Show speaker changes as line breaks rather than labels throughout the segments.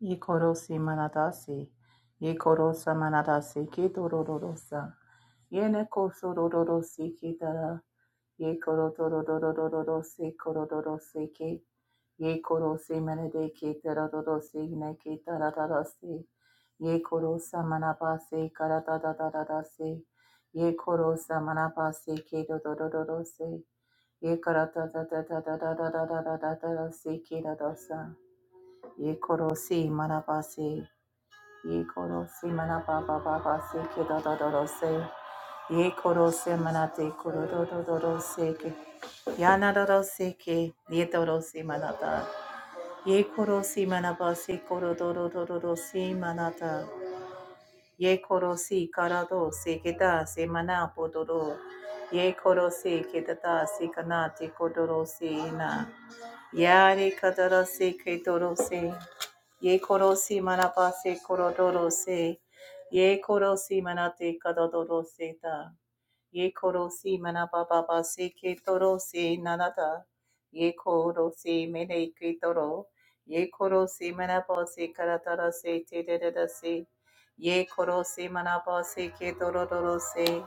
Yikorosi manadasi. Yikorosa manadasi kitorororosa. Yene kosorororosi kitara. Yikororororororosi korororosi ki. Yikorosi manade kitorororosi ne kitarararasi. Yikorosa manabasi karatadadadadasi. Yikorosa manabasi kitorororosi. Yikaratatatatatatatatatatatasi kiradosa. Yekorosi manabasi. Yekorosi manabababasi kidododorose. Yekorose manate korodododorose ke. Yanadorose ke. Yedorose manata. Yekorosi manabasi korodododorose manata. Yekorosi karado se sekeda se manapodoro. Yekorosi kedata sekanate kodorosi na. Yare kadarase kedorose. Ye korosi manapase korodorose. Ye korosi manate kadodorose Ta Ye koro si mana baba ba se ke toro se nanata. Ye koro si mene ke toro. Ye koro si mana ba se karatara se te de de de se. Ye koro si mana ba se ke toro toro se.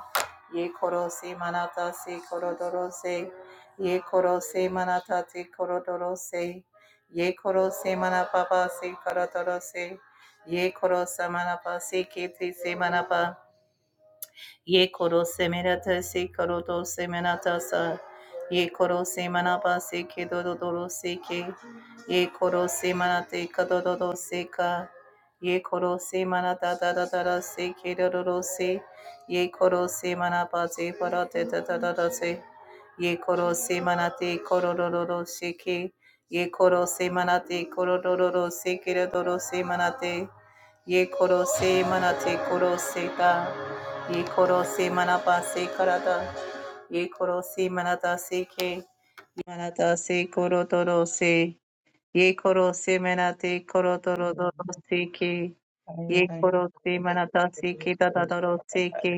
Ye koro si manata se koro toro se. Ye koro si manata te koro toro se. Ye koro si mana baba se karatara se. Ye koro sa mana ba se ke te se mana ba. Ye koro semerata se koro do semerata sa. Ye koro semanaba se ke do do do se ke. Ye koro semanate ka do do se ka. Ye koro semanata da da da da se ke do do do se. Ye koro semanaba se para da da da da se. Ye koro semanate koro do do do se ke. Ye koro semanate koro do do do se ke do do do semanate. Ye koro semanate koro se ta. Yekorosi manapa se karata. Yekorosi manata se ke. Manata se korotoro se. Yekorosi manate korotoro
Yeah.
se ke. Yekorosi manata se ke tatatoro se ke.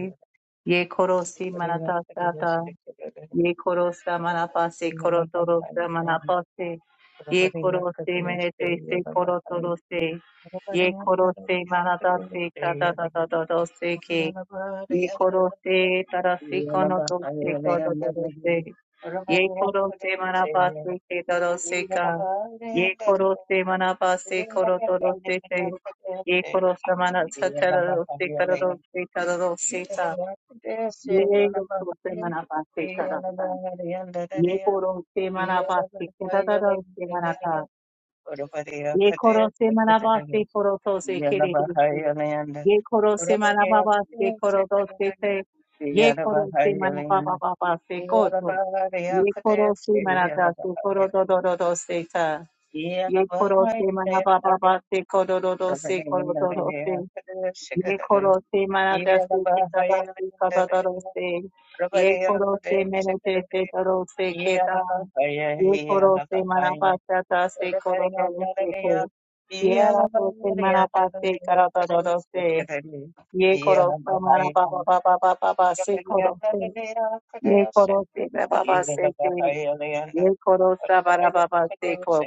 Yekorosi manata sata ye koro samana pase koro toro samana pase ye koro se menete se koro toro se ye koro se manata se kada da da da da se ke ye koro se tarasi kono to se kada da da se ye koro se manapa se ke toro se ka ye koro se manapa se koro toro se se ye koro samana sa tara se kara se tara se
Yeah,
ka ye koro se manapa se kada da ye koro se manaba se kedataro se manata ye koro se manaba se koro to se kere deshi ye koro se manaba ba se koro to se te ye koro se manaba ba ba ba se koto ye koro se manata se koro to do do do se ta ye koro se manaba ba ba se koro do do se koro do do se ye koro se manata su ke tara su kata taro se ye koro se menete se taro se keta
Yeah,
ye koro se manapa se ta se koro taro se ke ye ra to se manapa se kara taro taro se ye koro se manapa pa pa pa pa pa pa se koro se ye koro se ba ba ba se ke ye koro sa ba ra ba ba se ko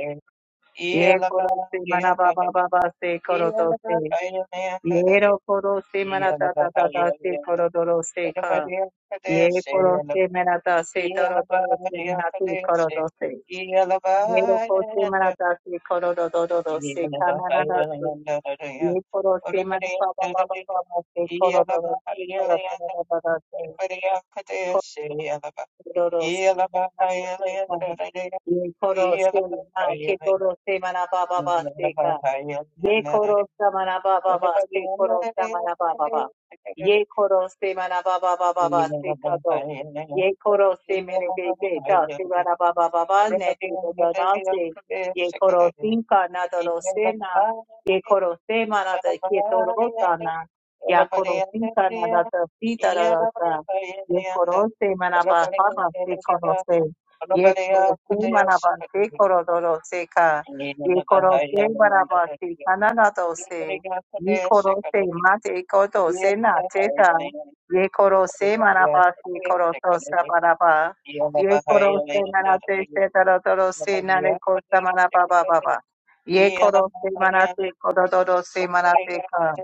ye koro se manapa pa pa pa se koro to se Yero koro se manata ta ta ta se koro doro se ka. Ye koro se manata se toro doro se manatu koro do se. Yero koro se manata se koro do do do do
Yeah.
se ka na na na se. Ye koro se manata ba ba ba ba ba se koro do do se koro do do do do do se. Koro do do se na na na se ka. Ye koro se ma ke koro se manata ba ba ba se ka. Ye koro samana baba ba se koro samana baba ba. Ye koro se mana baba baba ba se kado. Ye koro se mene bebe da se mana baba baba ne ti do na se. Ye koro sin ka na do do se na. Ye koro se mana da ki to ro sa na. Ya koro sinka na
Yeah.
da da si da da da sa. Ye koro se mana baba ba se koro se. Ye koro se mana ba se koro do do se ka. Yekorose barabasi kananadose. Yikorose mate ikotose na teta. Yekorose marabasi korotosa baraba. Yekorose manate setarotose narekosa marababa baba. Yekorose manate kodododose manate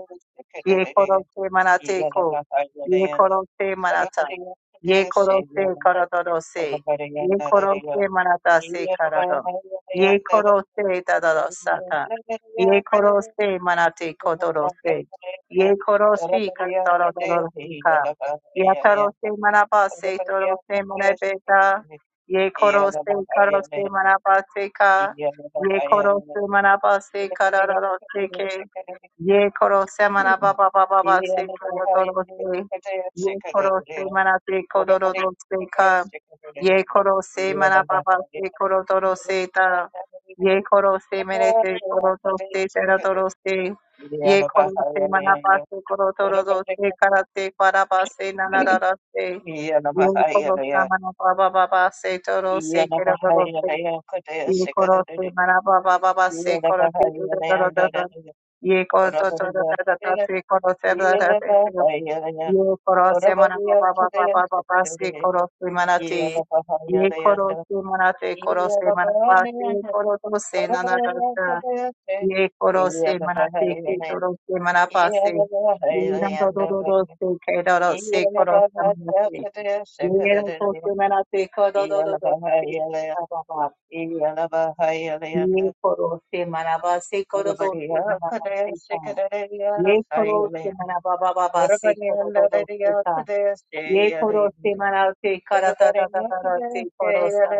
Ye korose manate ko. Ye korose manata.
Rabariya
Ye
Kadeshi
korose
Yaraba
karadorose.
Rabariya
Ye korose
Narariya
manata se
Yaraba
karado.
Harabariya
Ye korose dadorosata.
Narariya
Ye
Kadeshi Rabariya Kadeshi
korose manate
Yaraba
kodorose. Ye
Yaraya
korosi
Rabariya Kadeshi
karadorosika.
Yaraba Yaraya
Yatarose
Yaraba
manabase
Yaraya
torose manabeta. Ye korose karose manabase ka. Ye
Rabariya
korose manabase karadorose Ye koro se mana ba ba ba ba ba se koro doro se. Ye koro se mana se koro doro se ka.
Kadeshi Kadeshi
Ye koro se mana ba ba se
Yeah,
koro doro se ta. Ye koro se mere se koro doro se tera doro se. Ye koro se mana ba se koro doro doro se kara se para ba se na na ra ra se. Ye koro se mana ba ba ba ba se toro se kera doro se. Yi korose mana pa pa pa pa pa pa pa se korose dodo dodo dodo. Yi koroto dodo dodo dodo se korose dada dada dada. Yi korose mana pa pa pa pa pa pa pa se korose mana te. Yi korose mana te korose mana pa se koroto se na na dada. Yi korose mana te ke korose mana pa se.
Yeah.
Yi dodo dodo dodo se ke dodo se korose mana te. Yi dodo se mana te ko dodo dodo. Pa pa pa. Ye koro se maraba se koro do se maraba se ka. Ye koro se maraba ba ba ba se koro do do se ka. Ye koro se maraba se kara ta ta ta ta ta se koro sa.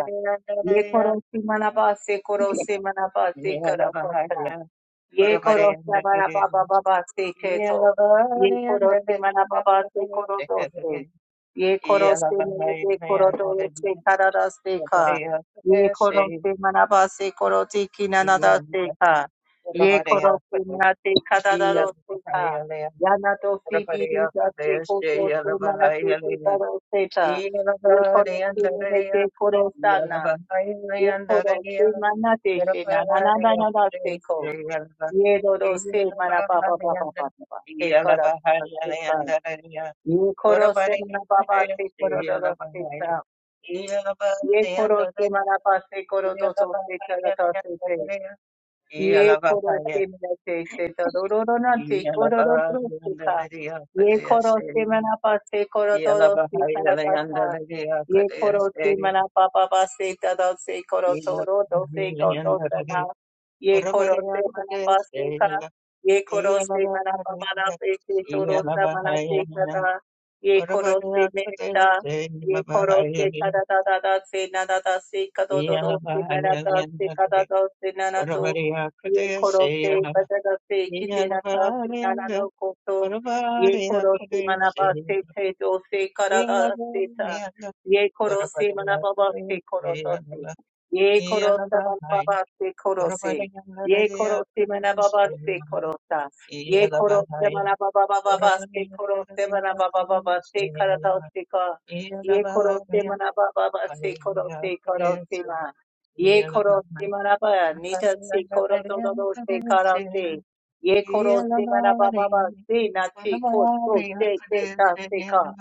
Ye koro se maraba se koro se maraba se koro so sa. Ye koro se mana baba baba se keto. Ye koro se mana baba se koro do se. Ye koro se
Yeah.
mana de koro do se karara se ka. Ye koro se mana ba se koro te kinana da se ka. Ye koro se mana te karara do se ka. Yana do si biri da se ko do se mana te te karo se ta. Ye koro se mana te koro sa na. Ye koro se mana te se na na na na na se ko. Ye do do se mana ba ba ba ba ba ba. Se kara do do se kara. Ye koro se mana ba ba se koro do do se kara. Ye koro se mana ba se koro do
Yeah,
do se kara do se se. Ye koro se mena te se to do do do na te koro do do se ka. Ye koro se mena pa se koro do do se ka na ta sa. Ye koro se mena pa pa pa se ta do se koro to ro do se ko to sa na. Ye koro se mena pa se ka. Ye koro se mena pa pa na se ke to ro sa mena se ka ta. Ye koro se mena ta. Ye koro se ta da da da da se na da da se ka do do do se mena ta se ka da do se na na to. Ye korote padagate kidina tase nanano koto. Ye
Orabare
korose
yakoreshe
manabase te dose karada
yarabaye
seta.
yanga
Ye korose
orabare
manababase
yakoreshe
korotose.
yanga
Ye korosa
yarabaye
manababase korose.
orabare yanga
Ye korose
yakoreshe
manababase
yanga
korosa. Ye korose
yarabaye orabare
manababababase
yanga
korose
yakoreshe
manabababase
yanga yarabaye
karadose ka. Ye
yakoreshe yarabaye
korose
yanga yakoreshe
manabababase
yarabaye
korose korose ma. Ye
orabare yakoreshe
korosi manaba, nita si koro todo do se kara se. Ye korosi manaba baba si na chi ko so se se ta se
yanga
ka.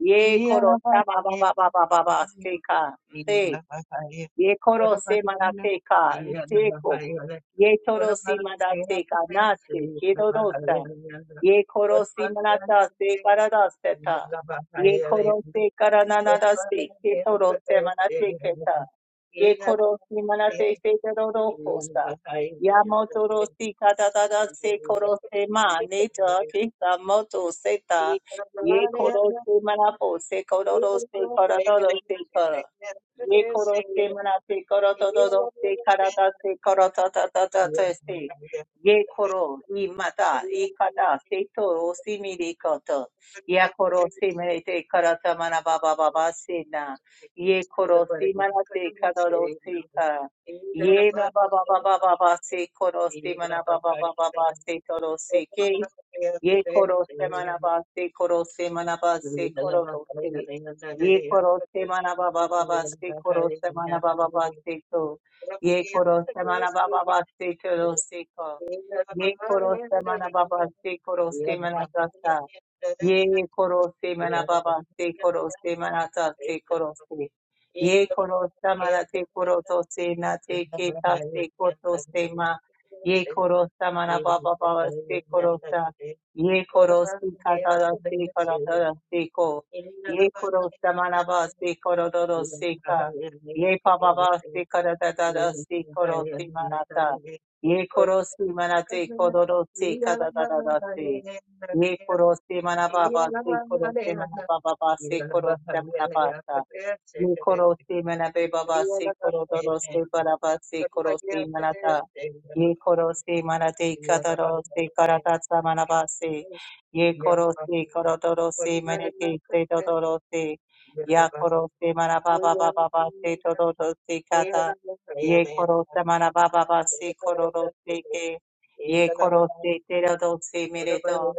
Ye
Yeah.
korosama baba baba baba se ka. Ye koro se manate ka nteko. Ye toro si manate ka nate kedorosa. Ye koro si manata se karadase ta. Ye koro se karananada se ketoro se manate keta. Ye koro si manate se dororo kosa. Ya motoro si kadadada se koro se ma neta kesa moto seta. Ye koro se manapo se
Yeah.
kororo se karadoro se kara ye koro se manate koro to to to se karata se koro ta ta ta ta ta se ye koro i mata i kata se to o si mi ri koto ya koro se manate karata mana ba ba ba ba se na ye koro se manate karo do se ka ye na ba ba ba ba ba ba se koro se mana ba ba ba ba ba se to ro se ke Ye koro se manaba se koro se manaba se koro do se. Ye koro se manaba baba ba se koro se manaba baba se to. Ye koro se manaba baba se koro se ko. Ye koro se manaba baba se koro se manaba sa. Ye korose mana baba se korose mana ta se korose. Ye korosa mana te koroto se na te ke ta se koto se ma. Ye korosa mana baba baba se korosa. Ye korosi kata da se korata da se ko. Ye korosa mana ba se korodoro se ka. Ye baba ba se korata da da se korose mana ta.
Yeah.
Ye korosi mana te kororo se kata da da da se ye koro se mana baba se koro se mana baba ba se koro se mana basa Ye koro se mana be baba se koro doro se baraba se koro se mana ta. Ye koro se mana te kataro se karata sa mana ba se. Ye koro se koro doro se mene ke se dodoro se. Ya koro se mana ba ba ba ba ba se dodoro se kata. Ye koro se mana ba ba ba se koro do se ke. Ye koro se te do se mere do.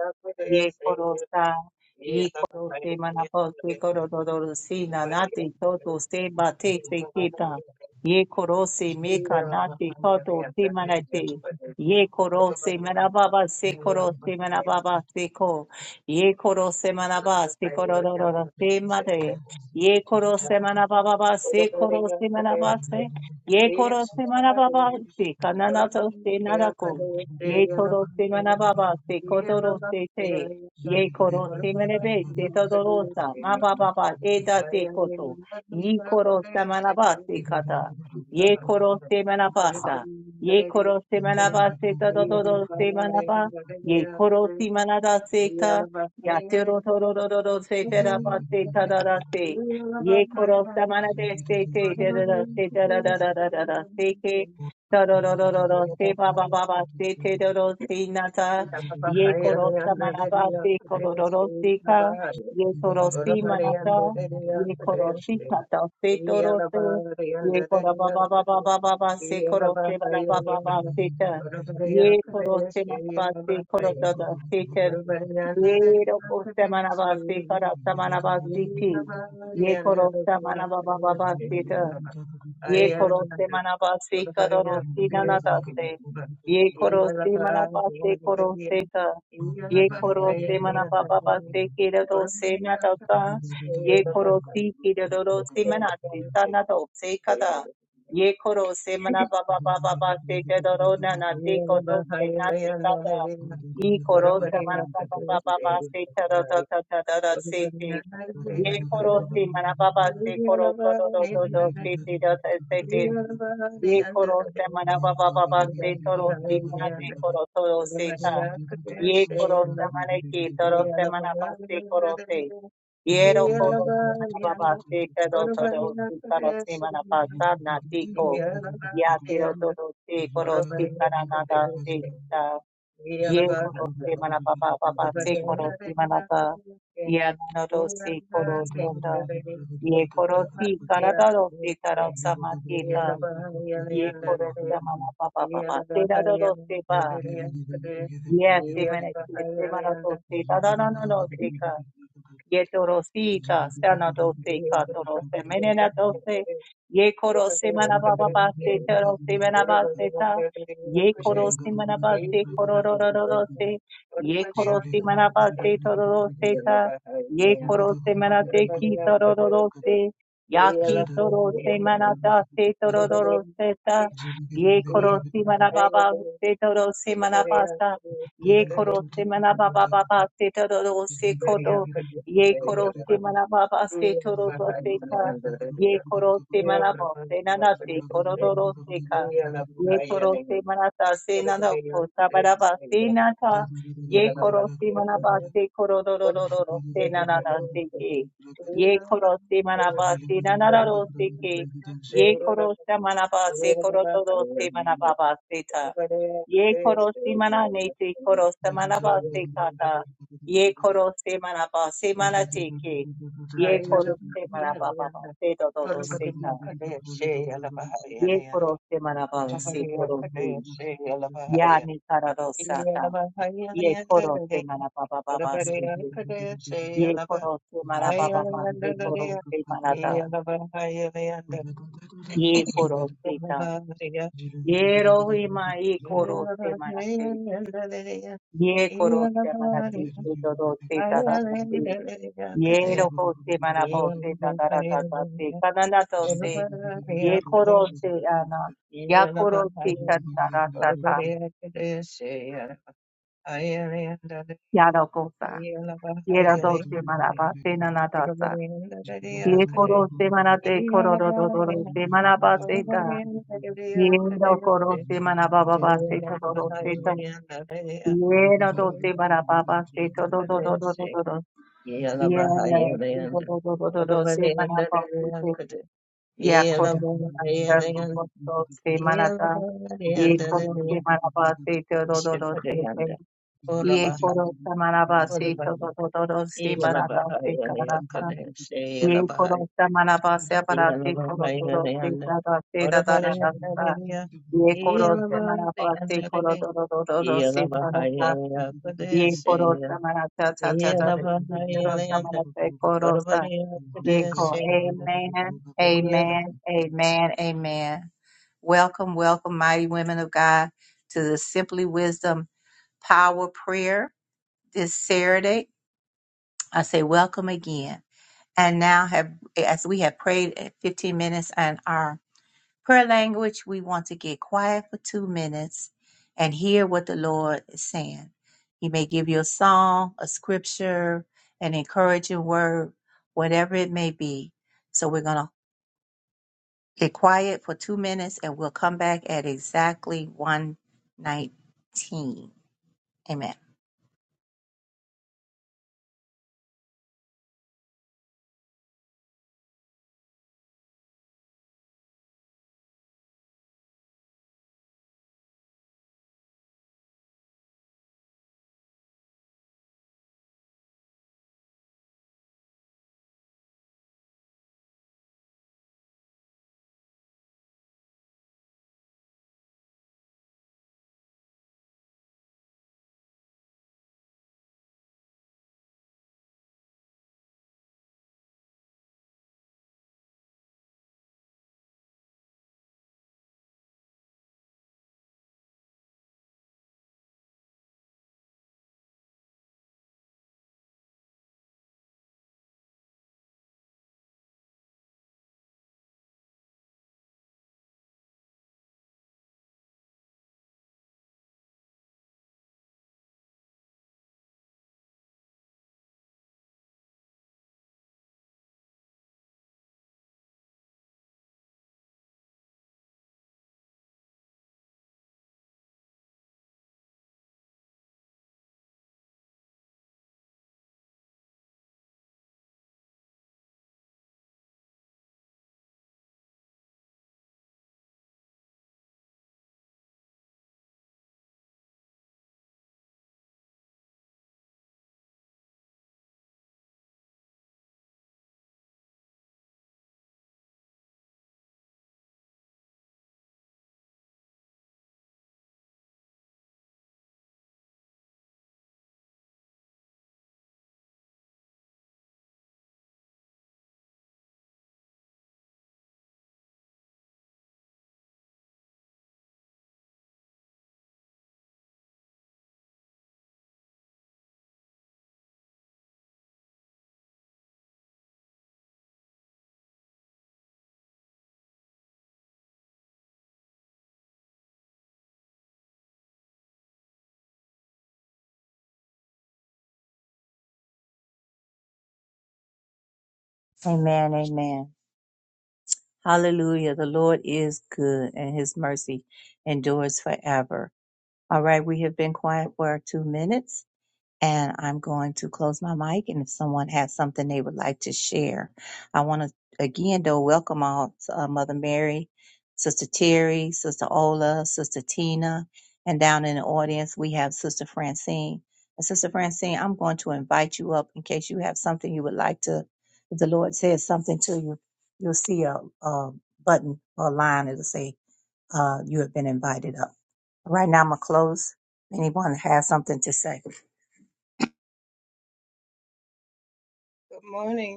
Ye koro
Yeah,
sa
Yeah,
y coro se manapo se coro dodo si nanate toto se bate se kita ye coro se
Thank
meka nate toto se manate ye coro se manababa se coro se manababa se ko ye coro se manaba se coro dodo se mate ye coro se manababa se coro se manaba se ye coro se manababa se kananato se narako ye toro se manababa se kodoro se te Ye koro semerebe se todorosa ma ba ba ba e da se koto ye koro semanaba se kata ye
Yalabari
koro semanaba sa ye koro semanaba se todoro semanaba ye koro semanada se ta ya tero torororo se teraba se tadara se ye koro semanade se te tedara se tadadadadada se ke todororo se ba ba ba ba se
you.
tedoro se nata
Thank
Ye korosa manaba se kororosika, ye korosi manata, ye korosi kata se torose,
and
ye koraba ba ba
the
ba ba ba ba se
Yeah.
korose manaba ba ba se ta, ye korose manaba se korosa da se ta, ye korose manaba se korasa manaba se ti, ye korosa manaba ba ba ba se ye koroste
you.
manabase kadorosti nanadase ye korosti manabase koroste ka ye koroste manababase kiradose nadasa ye korosti kiradorosti manasi sanadose kada ye koroste manababababase kadoro nanate kodose nate kada ye
Zhila
koroste
Orabariya kadavase,
manababababase
orabariya kadavase, orabariya
kadadadadadase Ye koro
kadavase,
se manababa se
orabariya
koro to
kadavase,
do do do do se te do te se te. Ye koro se manababa baba se toro se mana
orabariya
se koro toro se ta. Ye
kadavase,
koro se maneki toro se manaba se koro se. Ye ro koro se manababa se koro
orabariya
toro se toro se manaba sa na tiko. Ya te do do do se koro se kara na se ta. Ye koro se manababa baba se koro se manaba.
kadavase,
Ya na do se koro se ta. Ye korosi karadaro se tarasa
Jada
marketa. Ye korosa mama papa papa. Se dadaro se pa. Yes, se mene se se mara to se dadana no no se Ye torosita, sana doce, catorose, menena doce, ye corose manababaste, terose manabasteta, ye corose manabaste, cororororose, ye corose manabaste, tororoseta, ye corose manateki, tororose, yaki torose manataste, tororoseta,
Yeah.
ye
Yeah.
corose manababaste, torose manabasta, ye corose manababaste,
Thank
tororose, Ye
you.
koro se manaba ba se toro do se ka. Ye koro se manabo se nana se koro do ro se ka. Ye koro se manata se nana ko sabaraba se nata. Ye koro se manaba se koro do ro ro ro ro se nana da se ke. Ye koro se manaba se nana ra ro se ke. Ye koro se manaba se koro do ro se manaba ba se ta. Ye koro se mana ne se koro se manaba se ka ta. Ye koro se manaba se manateke.
Yeah.
Ye koro se manaba baba se dodoro se ta. Ye koro se manaba se dodoro se. Ya ni karado sata. Ye koro se manaba baba baba se te. Ye koro se
Zulu
manaba baba se dodoro se manada. Ye koro se ta. Ye rohi ma ye koro se manate. Ye koro se manate se dodoro se ta da da se. Ye roho se manaba se ta da da da da se. Kanana Yekorosi ana. Yakorosi
Yalabahaya,
kanarasata.
Urabadea Kadesha, Ayalanda,
Yaragosa.
Yalabahaya,
Yeradose manaba senanadasa.
Urabadea Kadea Kade,
Yekorose manate
Yalabahaya,
kororodorose manabase da.
Urabadea Kadesha,
Yerokorose manababa se todorose ta.
Yalabahaya, Kadea Kadesha, Yalabahaya, Urabadea Kade, Yalabahaya,
Yeradose manababa se tododododododoro. Yes.
Yalabahaya, Kadesha,
Todododododose manabase te. Yakorose manata sukotorose manata. Yekorose
Yalabahaya,
manabase tododorose te. Ye korosa samanaba se
Good morning,
kododoro se manada se karata. Ye koro samanaba aparasi para dadasi kododoro se dada se dada dada sa. Ye koro samanaba se kododoro se karata. Ye koro samanata ta ta ta re Ye ko. Amen. Amen. Amen. Amen. Welcome, welcome, mighty women of God, to the Simply Wisdom Power Prayer this Saturday I say, welcome again. And now have, as we have prayed at 15 minutes and our prayer language, we want to get quiet for two minutes and hear what the Lord is saying. He may give you a song, a scripture, an encouraging word, whatever it may be. So we're going to get quiet for two minutes and we'll come back at exactly 119. Amen. Amen. Amen. Hallelujah. The Lord is good and his mercy endures forever. All right, we have been quiet for two minutes and I'm going to close my mic. And if someone has something they would like to share, I want to again though welcome all uh, Mother Mary, Sister Terry, Sister Ola, Sister Tina, and down in the audience we have Sister Francine. And Sister Francine, I'm going to invite you up in case you have something you would like to. If the Lord says something to you, you'll see a, a button or a line that'll say uh, you have been invited up. Right now, I'm gonna close. Anyone has something to say?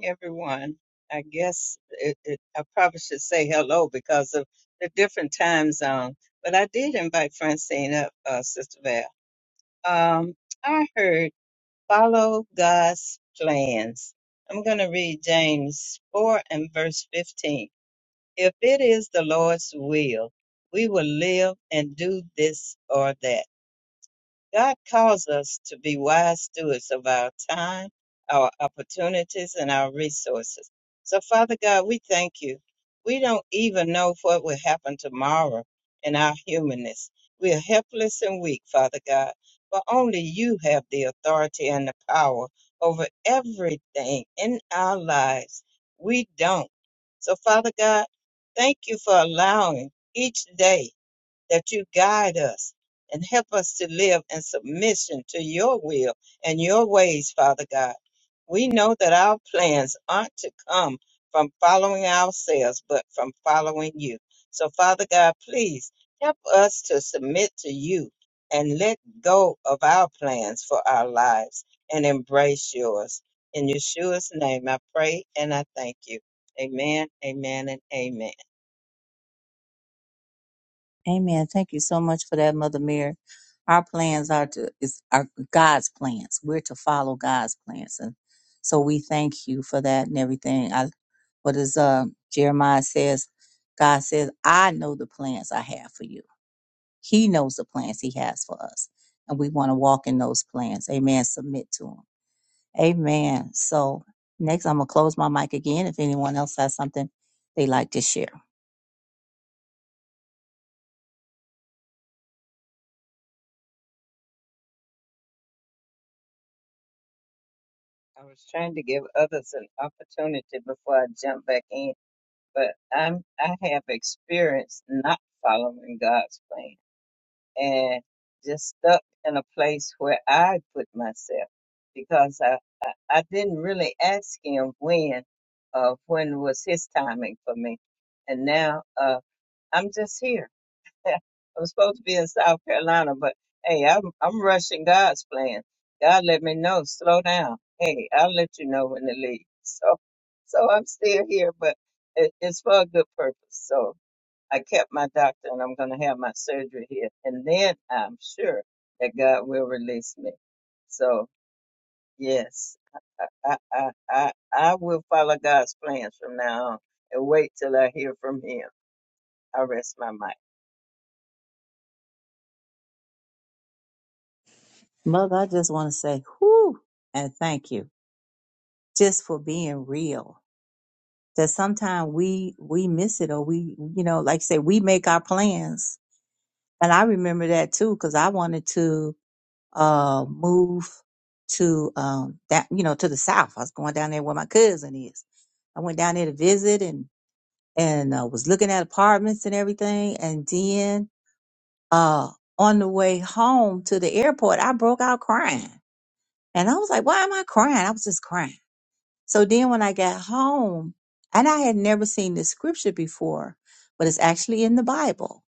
everyone. I guess it, it, I probably should say hello because of the different time zone. But I did invite Francine up, uh, Sister Val. Um, I heard follow God's plans. I'm going to read James 4 and verse 15. If it is the Lord's will, we will live and do this or that. God calls us to be wise stewards of our time, our opportunities, and our resources. So, Father God, we thank you. We don't even know what will happen tomorrow in our humanness. We are helpless and weak, Father God, but only you have the authority and the power over everything in our lives. We don't. So, Father God, thank you for allowing each day that you guide us and help us to live in submission to your will and your ways, Father God. We know that our plans aren't to come from following ourselves, but from following you. So, Father God, please help us to submit to you and let go of our plans for our lives and embrace yours. In Yeshua's name, I pray and I thank you. Amen, amen, and amen.
Amen. Thank you so much for that, Mother Mary. Our plans are to is are God's plans. We're to follow God's plans, and so we thank you for that and everything. I, what is uh, Jeremiah says? God says, "I know the plans I have for you." He knows the plans He has for us, and we want to walk in those plans. Amen. Submit to Him. Amen. So next, I'm gonna close my mic again. If anyone else has something they like to share,
I was trying to give others an opportunity before I jump back in, but I'm I have experienced not following God's plan and just stuck in a place where I put myself because I I, I didn't really ask Him when, uh, when was His timing for me, and now uh, I'm just here I'm supposed to be in South Carolina, but hey, I'm I'm rushing God's plan. God let me know, slow down. Hey, I'll let you know when to leave. So, so I'm still here, but it, it's for a good purpose. So I kept my doctor, and I'm going to have my surgery here, and then I'm sure that God will release me. So yes, I I I I, I will follow God's plans from now on and wait till I hear from Him. I rest my mic.
Mother, I just want to say, whoo, and thank you just for being real. That sometimes we we miss it, or we, you know, like I say, we make our plans. And I remember that too, because I wanted to uh move to um that you know to the south. I was going down there where my cousin is. I went down there to visit and and uh, was looking at apartments and everything, and then uh, on the way home to the airport, I broke out crying. And I was like, why am I crying? I was just crying. So then when I got home, and I had never seen this scripture before, but it's actually in the Bible.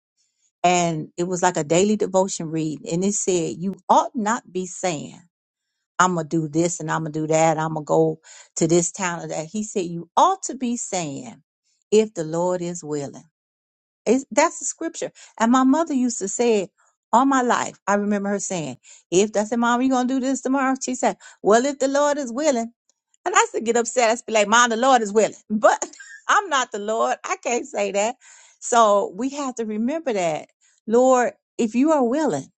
And it was like a daily devotion read. And it said, You ought not be saying, I'm going to do this and I'm going to do that. I'm going to go to this town or that. He said, You ought to be saying, If the Lord is willing. It's, that's the scripture. And my mother used to say it all my life. I remember her saying, if that's said, Mom, you gonna do this tomorrow? She said, Well, if the Lord is willing. And I used to get upset. I used to be like, Mom, the Lord is willing. But I'm not the Lord. I can't say that. So we have to remember that. Lord, if you are willing,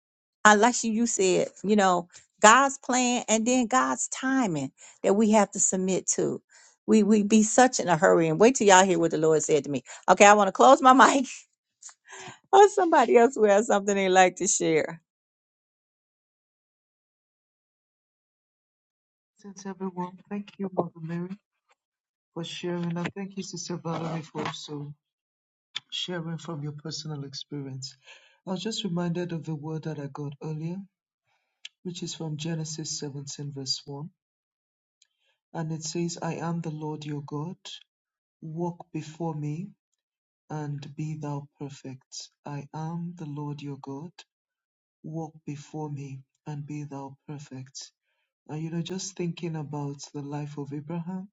unless you, you said, you know, God's plan and then God's timing that we have to submit to. We we be such in a hurry and wait till y'all hear what the Lord said to me. Okay, I want to close my mic or somebody else who has something they like to share.
Since everyone, thank you, Mother Mary, for sharing, and thank you, Sister Valerie, for also. sharing from your personal experience. I was just reminded of the word that I got earlier, which is from Genesis 17, verse 1. And it says, I am the Lord your God, walk before me and be thou perfect. I am the Lord your God, walk before me and be thou perfect. And you know, just thinking about the life of Abraham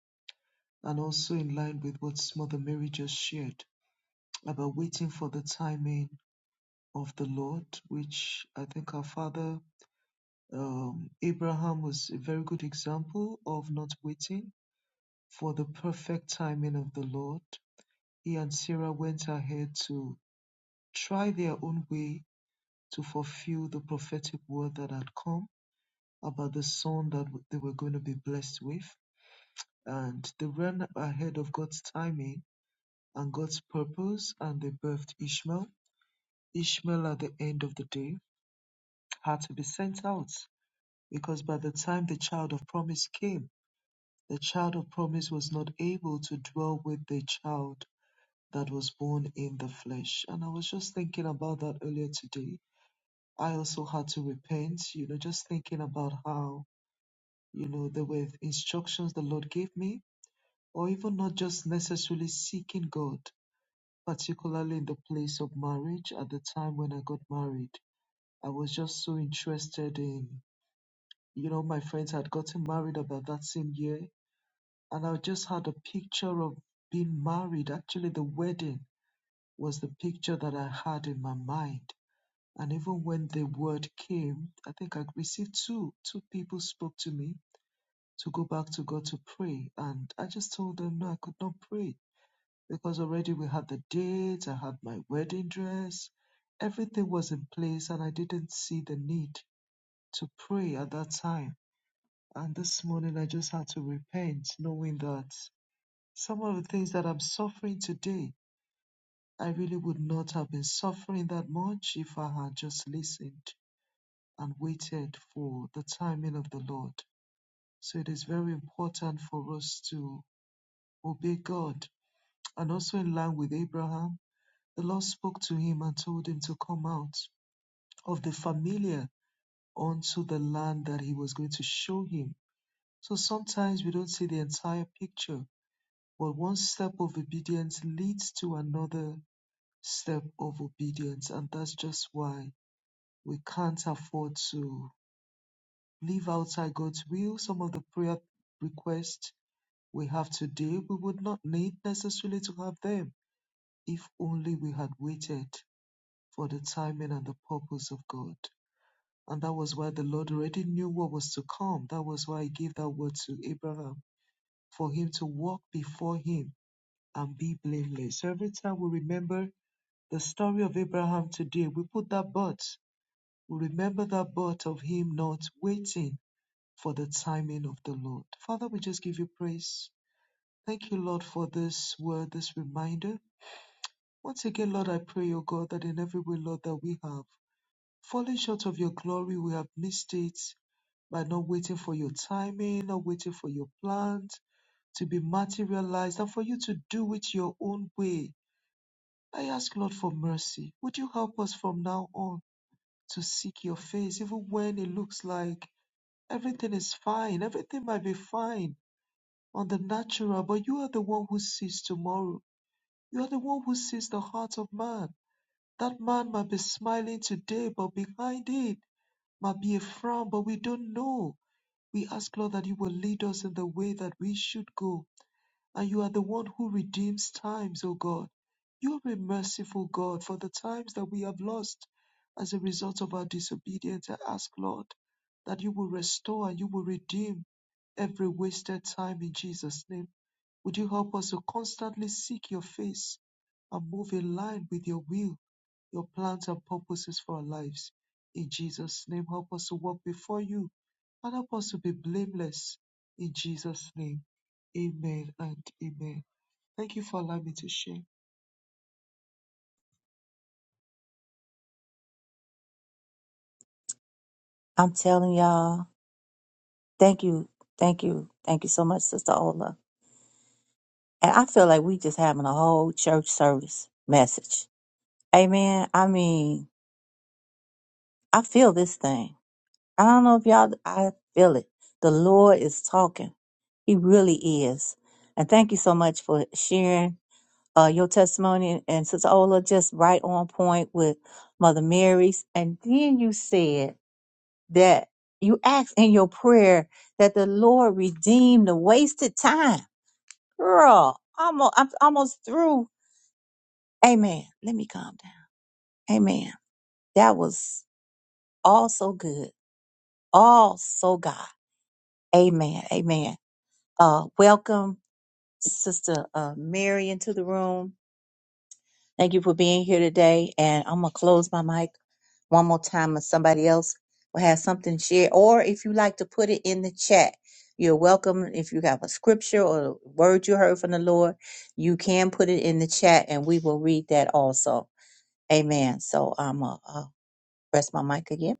and also in line with what Mother Mary just shared about waiting for the timing of the Lord, which I think our father um, Abraham was a very good example of not waiting for the perfect timing of the Lord. He and Sarah went ahead to try their own way to fulfill the prophetic word that had come about the son that w- they were going to be blessed with. And they ran ahead of God's timing and God's purpose, and they birthed Ishmael. Ishmael, at the end of the day, had to be sent out Because by the time the child of promise came, the child of promise was not able to dwell with the child that was born in the flesh. And I was just thinking about that earlier today. I also had to repent, you know, just thinking about how, you know, there were instructions the Lord gave me, or even not just necessarily seeking God, particularly in the place of marriage at the time when I got married. I was just so interested in, you know, my friends had gotten married about that same year and I just had a picture of being married. Actually, the wedding was the picture that I had in my mind. And even when the word came, I think I received two. Two people spoke to me to go back to God to pray. And I just told them, no, I could not pray because already we had the date, I had my wedding dress, everything was in place, and I didn't see the need to pray at that time. And this morning I just had to repent, knowing that Some of the things that I'm suffering today, I really would not have been suffering that much if I had just listened and waited for the timing of the Lord. So it is very important for us to obey God. And also, in line with Abraham, the Lord spoke to him and told him to come out of the familiar onto the land that he was going to show him. So sometimes we don't see the entire picture, but one step of obedience leads to another step of obedience. And that's just why we can't afford to live outside God's will. Some of the prayer requests we have today, we would not need necessarily to have them if only we had waited for the timing and the purpose of God. And that was why the Lord already knew what was to come. That was why He gave that word to Abraham for him to walk before Him and be blameless. So every time we remember the story of Abraham today, we put that but. Remember that but of him not waiting for the timing of the Lord. Father, we just give you praise. Thank you, Lord, for this word, this reminder. Once again, Lord, I pray, O God, that in every way, Lord, that we have fallen short of your glory, we have missed it by not waiting for your timing, not waiting for your plans to be materialized, and for you to do it your own way. I ask, Lord, for mercy. Would you help us from now on to seek your face, even when it looks like Everything is fine. Everything might be fine on the natural, but you are the one who sees tomorrow. You are the one who sees the heart of man. That man might be smiling today, but behind it might be a frown, but we don't know. We ask, Lord, that you will lead us in the way that we should go. And you are the one who redeems times, O God. You are a merciful God for the times that we have lost as a result of our disobedience. I ask, Lord, that you will restore and you will redeem every wasted time in Jesus' name. Would you help us to constantly seek your face and move in line with your will, your plans, and purposes for our lives? In Jesus' name, help us to walk before you and help us to be blameless. In Jesus' name, amen and amen. Thank you for allowing me to share.
I'm telling y'all, thank you, thank you, thank you so much, Sister Ola. And I feel like we just having a whole church service message. Amen. I mean, I feel this thing. I don't know if y'all, I feel it. The Lord is talking. He really is. And thank you so much for sharing uh, your testimony and, and Sister Ola just right on point with Mother Mary's. And then you said that you ask in your prayer that the Lord redeem the wasted time. Girl, almost, I'm almost through. Amen. Let me calm down. Amen. That was all so good. All so God. Amen. Amen. Uh, welcome, Sister uh, Mary, into the room. Thank you for being here today. And I'm going to close my mic one more time or somebody else will have something to share. Or if you like to put it in the chat, you're welcome. If you have a scripture or a word you heard from the Lord, you can put it in the chat and we will read that also. Amen. So I'm going to press my mic again.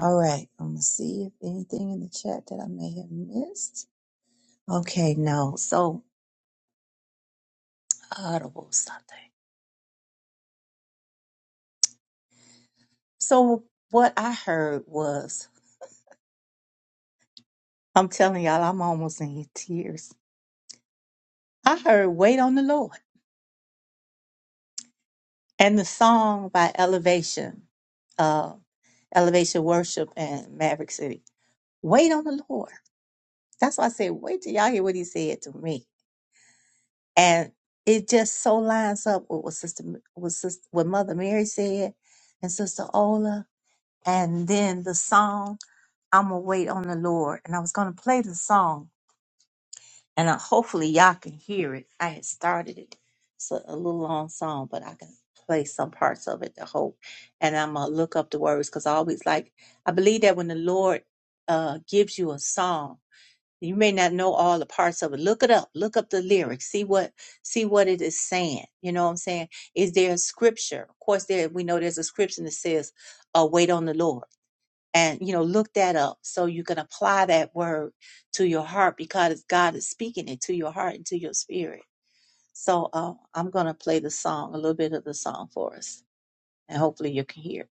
All right. I'm going to see if anything in the chat that I may have missed. Okay, no. So audible something. So what I heard was, I'm telling y'all, I'm almost in tears. I heard wait on the Lord. And the song by Elevation, uh, Elevation Worship and Maverick City, Wait on the Lord. That's why I said, wait till y'all hear what he said to me. And it just so lines up with what Sister, with Sister, what Mother Mary said and Sister Ola. And then the song, I'm going to wait on the Lord. And I was going to play the song, and I, hopefully y'all can hear it. I had started it. It's a, a little long song, but I can play some parts of it to hope. And I'm gonna look up the words because I always like I believe that when the Lord uh gives you a song, you may not know all the parts of it. Look it up. Look up the lyrics. See what see what it is saying. You know what I'm saying? Is there a scripture? Of course, there we know there's a scripture that says, uh, "Wait on the Lord." and you know look that up so you can apply that word to your heart because god is speaking it to your heart and to your spirit so uh, i'm going to play the song a little bit of the song for us and hopefully you can hear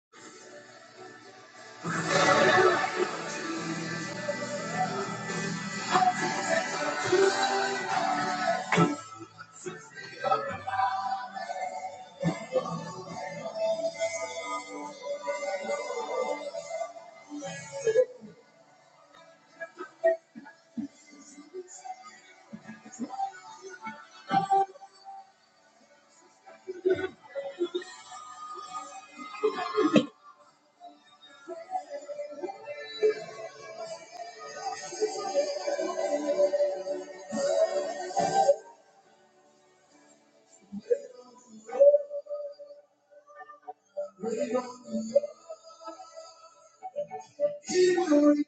it.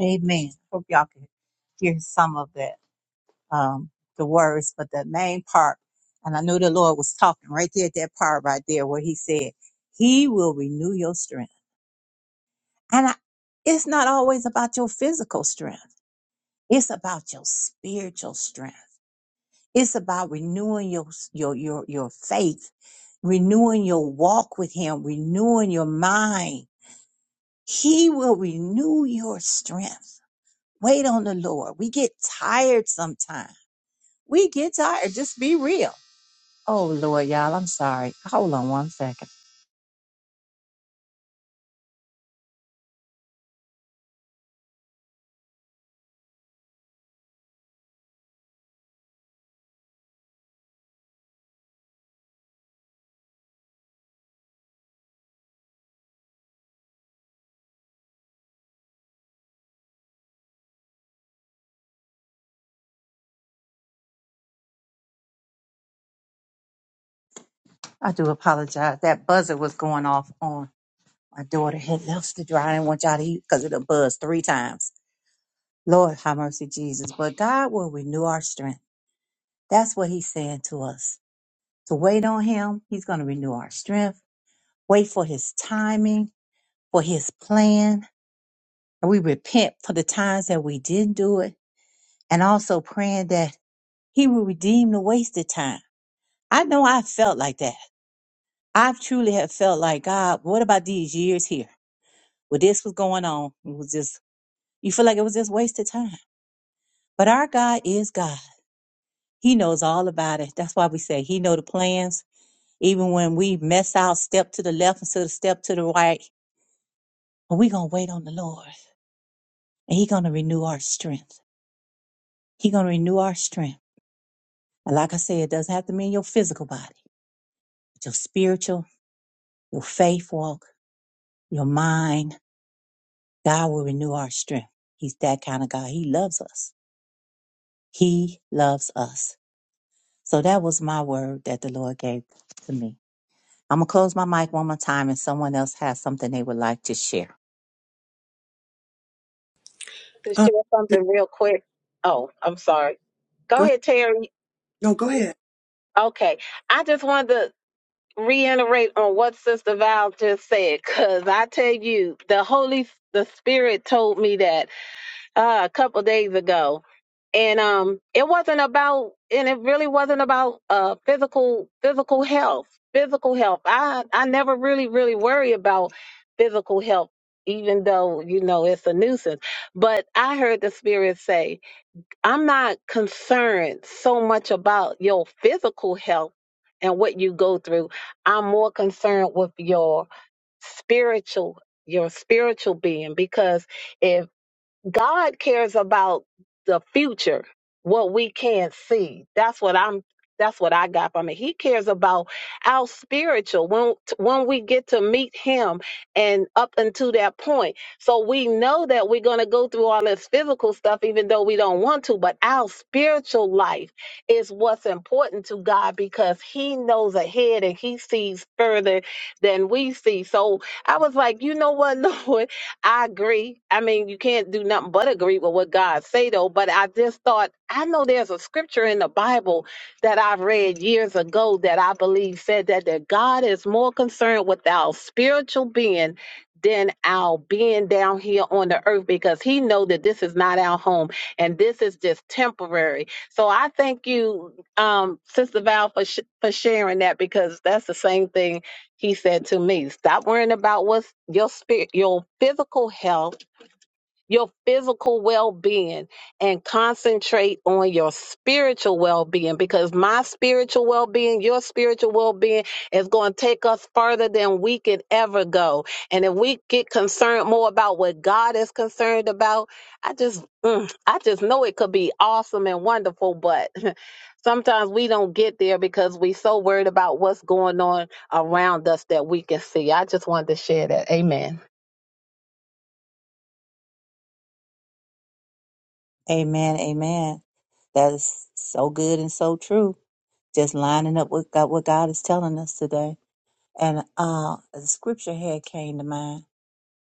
amen hope y'all can hear some of that um, the words but the main part and i knew the lord was talking right there at that part right there where he said he will renew your strength and I, it's not always about your physical strength It's about your spiritual strength. It's about renewing your your your your faith, renewing your walk with him, renewing your mind. He will renew your strength. Wait on the Lord. We get tired sometimes. We get tired. Just be real. Oh Lord, y'all, I'm sorry. Hold on one second. I do apologize. That buzzer was going off on my daughter had left the dryer. I didn't want y'all to eat because it buzz three times. Lord, have mercy, Jesus. But God will renew our strength. That's what He's saying to us. To wait on Him, He's going to renew our strength. Wait for His timing, for His plan. And we repent for the times that we didn't do it. And also praying that He will redeem the wasted time. I know I felt like that. I truly have felt like, God, what about these years here? Well, this was going on. It was just, you feel like it was just wasted time. But our God is God. He knows all about it. That's why we say He know the plans Even when we mess out, step to the left instead of step to the right, but we going to wait on the Lord and He going to renew our strength. He going to renew our strength. And like I said, it doesn't have to mean your physical body, but your spiritual, your faith walk, your mind. God will renew our strength. He's that kind of God. He loves us. He loves us. So that was my word that the Lord gave to me. I'm going to close my mic one more time and someone else has something they would like to share.
to
Uh,
share something real quick? Oh, I'm sorry. Go
go,
ahead, Terry.
no, go
You
ahead.
okay? I just wanted to reiterate on what Sister Val just said, cause I tell you, the Holy, the Spirit told me that uh, a couple days ago, and um, it wasn't about, and it really wasn't about uh physical physical health. Physical health. I I never really really worry about physical health, even though you know it's a nuisance. But I heard the Spirit say I'm not concerned so much about your physical health and what you go through. I'm more concerned with your spiritual your spiritual being because if God cares about the future, what we can't see. That's what I'm that's what I got from it. He cares about our spiritual when when we get to meet him and up until that point. So we know that we're going to go through all this physical stuff even though we don't want to, but our spiritual life is what's important to God because he knows ahead and he sees further than we see. So I was like, "You know what, Lord? I agree. I mean, you can't do nothing but agree with what God say though. But I just thought I know there's a scripture in the Bible that I've read years ago that I believe said that that God is more concerned with our spiritual being than our being down here on the earth because he know that this is not our home and this is just temporary. So I thank you, um, Sister Val, for sh- for sharing that because that's the same thing he said to me, Stop worrying about what's your spirit, your physical health your physical well being and concentrate on your spiritual well being because my spiritual well being, your spiritual well being is going to take us further than we could ever go. And if we get concerned more about what God is concerned about, I just, mm, I just know it could be awesome and wonderful, but. Sometimes we don't get there because we so worried about what's going on around us that we can see. I just wanted to share that. Amen.
Amen. Amen. That is so good and so true. Just lining up with God, what God is telling us today. And uh, the scripture here came to mind,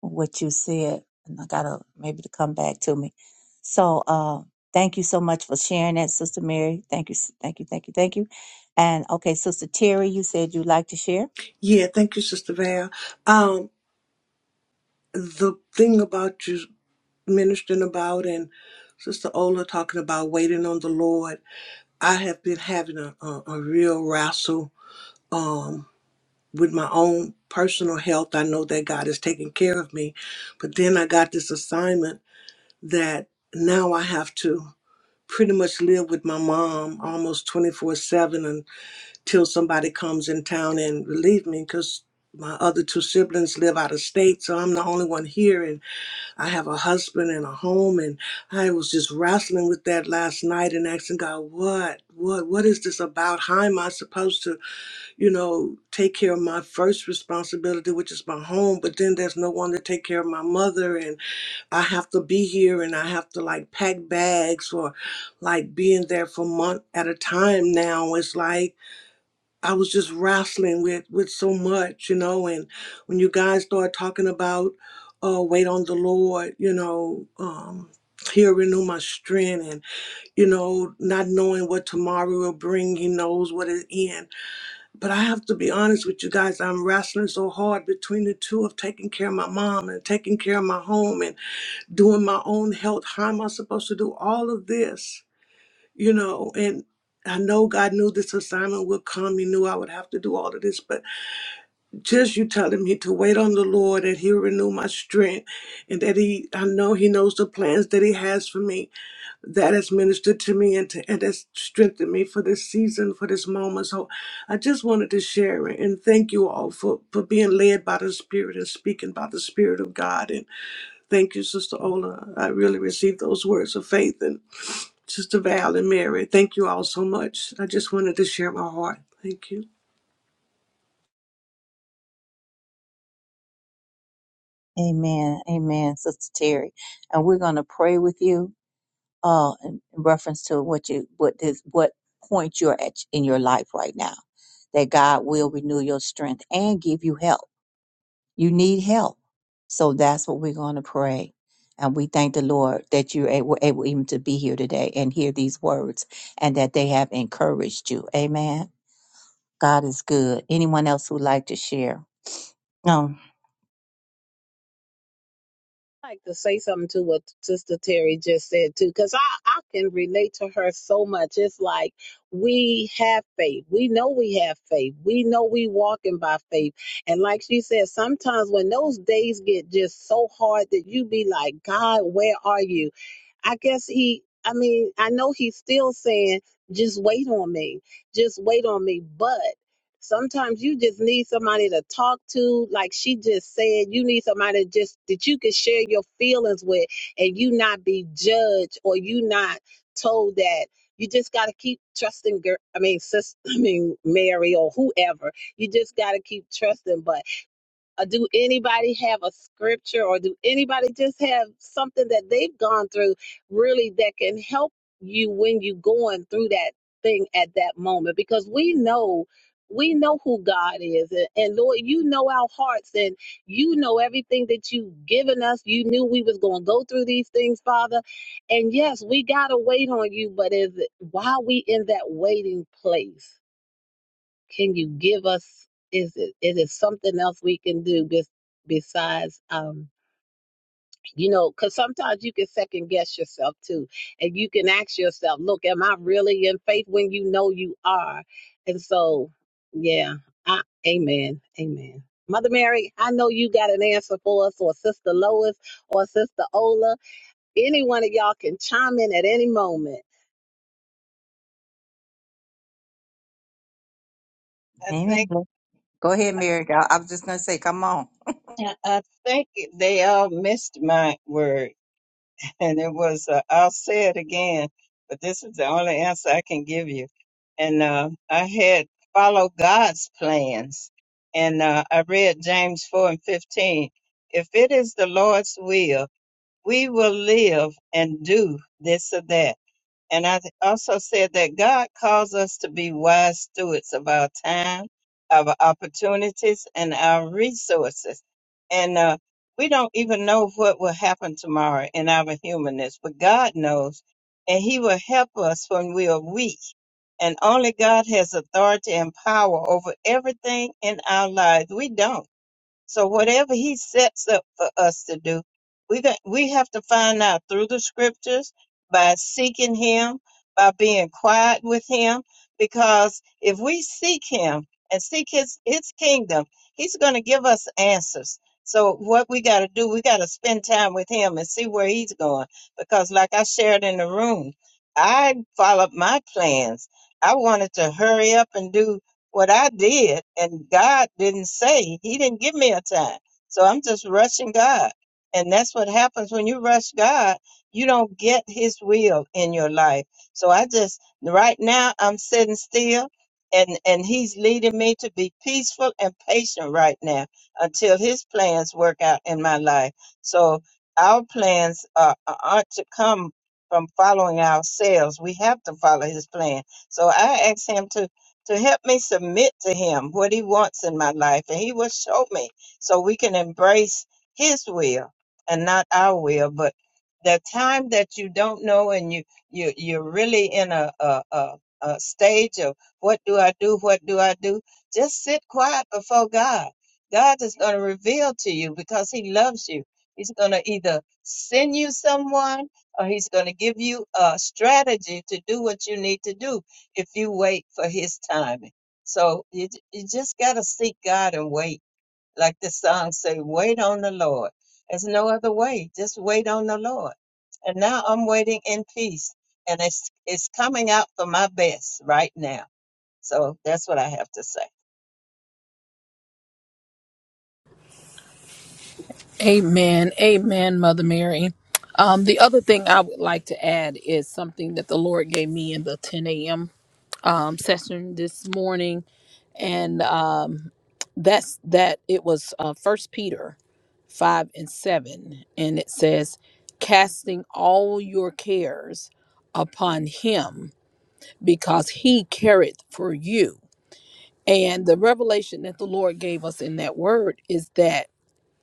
what you said, and I got to maybe to come back to me. So uh, thank you so much for sharing that, Sister Mary. Thank you. s- Thank you. Thank you. Thank you. And okay, Sister Terry, you said you'd like to share.
Yeah, thank you, Sister Val. Um, the thing about you ministering about and Sister Ola talking about waiting on the Lord, I have been having a, a, a real wrestle um, with my own personal health. I know that God is taking care of me, but then I got this assignment that now I have to pretty much live with my mom almost 24 7 till somebody comes in town and relieve me because my other two siblings live out of state so i'm the only one here and i have a husband and a home and i was just wrestling with that last night and asking god what what what is this about how am i supposed to you know take care of my first responsibility which is my home but then there's no one to take care of my mother and i have to be here and i have to like pack bags or like being there for a month at a time now it's like I was just wrestling with with so much, you know. And when you guys start talking about uh, wait on the Lord, you know, um, he'll renew my strength, and you know, not knowing what tomorrow will bring, He knows what it end. But I have to be honest with you guys, I'm wrestling so hard between the two of taking care of my mom and taking care of my home and doing my own health. How am I supposed to do all of this? you know, and I know God knew this assignment would come. He knew I would have to do all of this, but just you telling me to wait on the Lord and He'll renew my strength and that He, I know He knows the plans that He has for me. That has ministered to me and, to, and has strengthened me for this season, for this moment. So I just wanted to share it and thank you all for, for being led by the Spirit and speaking by the Spirit of God. And thank you, Sister Ola. I really received those words of faith. and. Sister Val and Mary, thank you all so much. I just wanted to share my heart. Thank you.
Amen. Amen, Sister Terry. And we're going to pray with you. uh, in, in reference to what you what this what point you're at in your life right now. That God will renew your strength and give you help. You need help, so that's what we're going to pray. And we thank the Lord that you were able even to be here today and hear these words, and that they have encouraged you. Amen. God is good. Anyone else who'd like to share? No.
I'd like to say something to what Sister Terry just said too, because I, I can relate to her so much. It's like we have faith. We know we have faith. We know we walking by faith. And like she said, sometimes when those days get just so hard that you be like, God, where are you? I guess he, I mean, I know he's still saying, just wait on me, just wait on me. But sometimes you just need somebody to talk to, like she just said, you need somebody just that you can share your feelings with and you not be judged or you not told that. You just got to keep trusting, girl. I mean, sis, I mean, Mary or whoever. You just got to keep trusting. But uh, do anybody have a scripture or do anybody just have something that they've gone through really that can help you when you are going through that thing at that moment because we know we know who God is and, and Lord you know our hearts and you know everything that you've given us you knew we was going to go through these things father and yes we got to wait on you but is it while we in that waiting place can you give us? Is it is it something else we can do bes- besides um, you know? Because sometimes you can second guess yourself too, and you can ask yourself, "Look, am I really in faith?" When you know you are, and so yeah, I, Amen, Amen. Mother Mary, I know you got an answer for us, or Sister Lois, or Sister Ola. Any one of y'all can chime in at any moment.
I thank
Amen. Go ahead, Mary. I I was just going to say, come on.
I think they all missed my word, and it was uh, I'll say it again, but this is the only answer I can give you. And uh, I had follow God's plans, and uh, I read James four and fifteen. If it is the Lord's will, we will live and do this or that. And I th- also said that God calls us to be wise stewards of our time, our opportunities, and our resources. And uh, we don't even know what will happen tomorrow in our humanness, but God knows, and He will help us when we are weak. And only God has authority and power over everything in our lives. We don't. So whatever he sets up for us to do, we got we have to find out through the scriptures by seeking him, by being quiet with him, because if we seek him and seek his his kingdom, he's going to give us answers. So what we got to do, we got to spend time with him and see where he's going because like I shared in the room, I followed my plans. I wanted to hurry up and do what I did, and God didn't say, He didn't give me a time. So I'm just rushing God. And that's what happens when you rush God, you don't get His will in your life. So I just, right now, I'm sitting still. And, and he's leading me to be peaceful and patient right now until his plans work out in my life. So our plans are, aren't to come from following ourselves. We have to follow his plan. So I ask him to to help me submit to Him what He wants in my life, and He will show me so we can embrace His will and not our will. But the time that you don't know and you you you're really in a a, a, a stage of what do I do, what do I do? Just sit quiet before God. God is going to reveal to you because He loves you. He's going to either send you someone or He's going to give you a strategy to do what you need to do if you wait for his timing. So you, j- you just got to seek God and wait. Like the song say, wait on the Lord. There's no other way. Just wait on the Lord. And now I'm waiting in peace and it's, it's coming out for my best right now. So that's what I have to say.
Amen. Amen, Mother Mary. Um, the other thing I would like to add is something that the Lord gave me in the 10 a.m. Um, session this morning. And um, that's that it was uh, 1 Peter 5 and 7. And it says, casting all your cares upon him because he careth for you. And the revelation that the Lord gave us in that word is that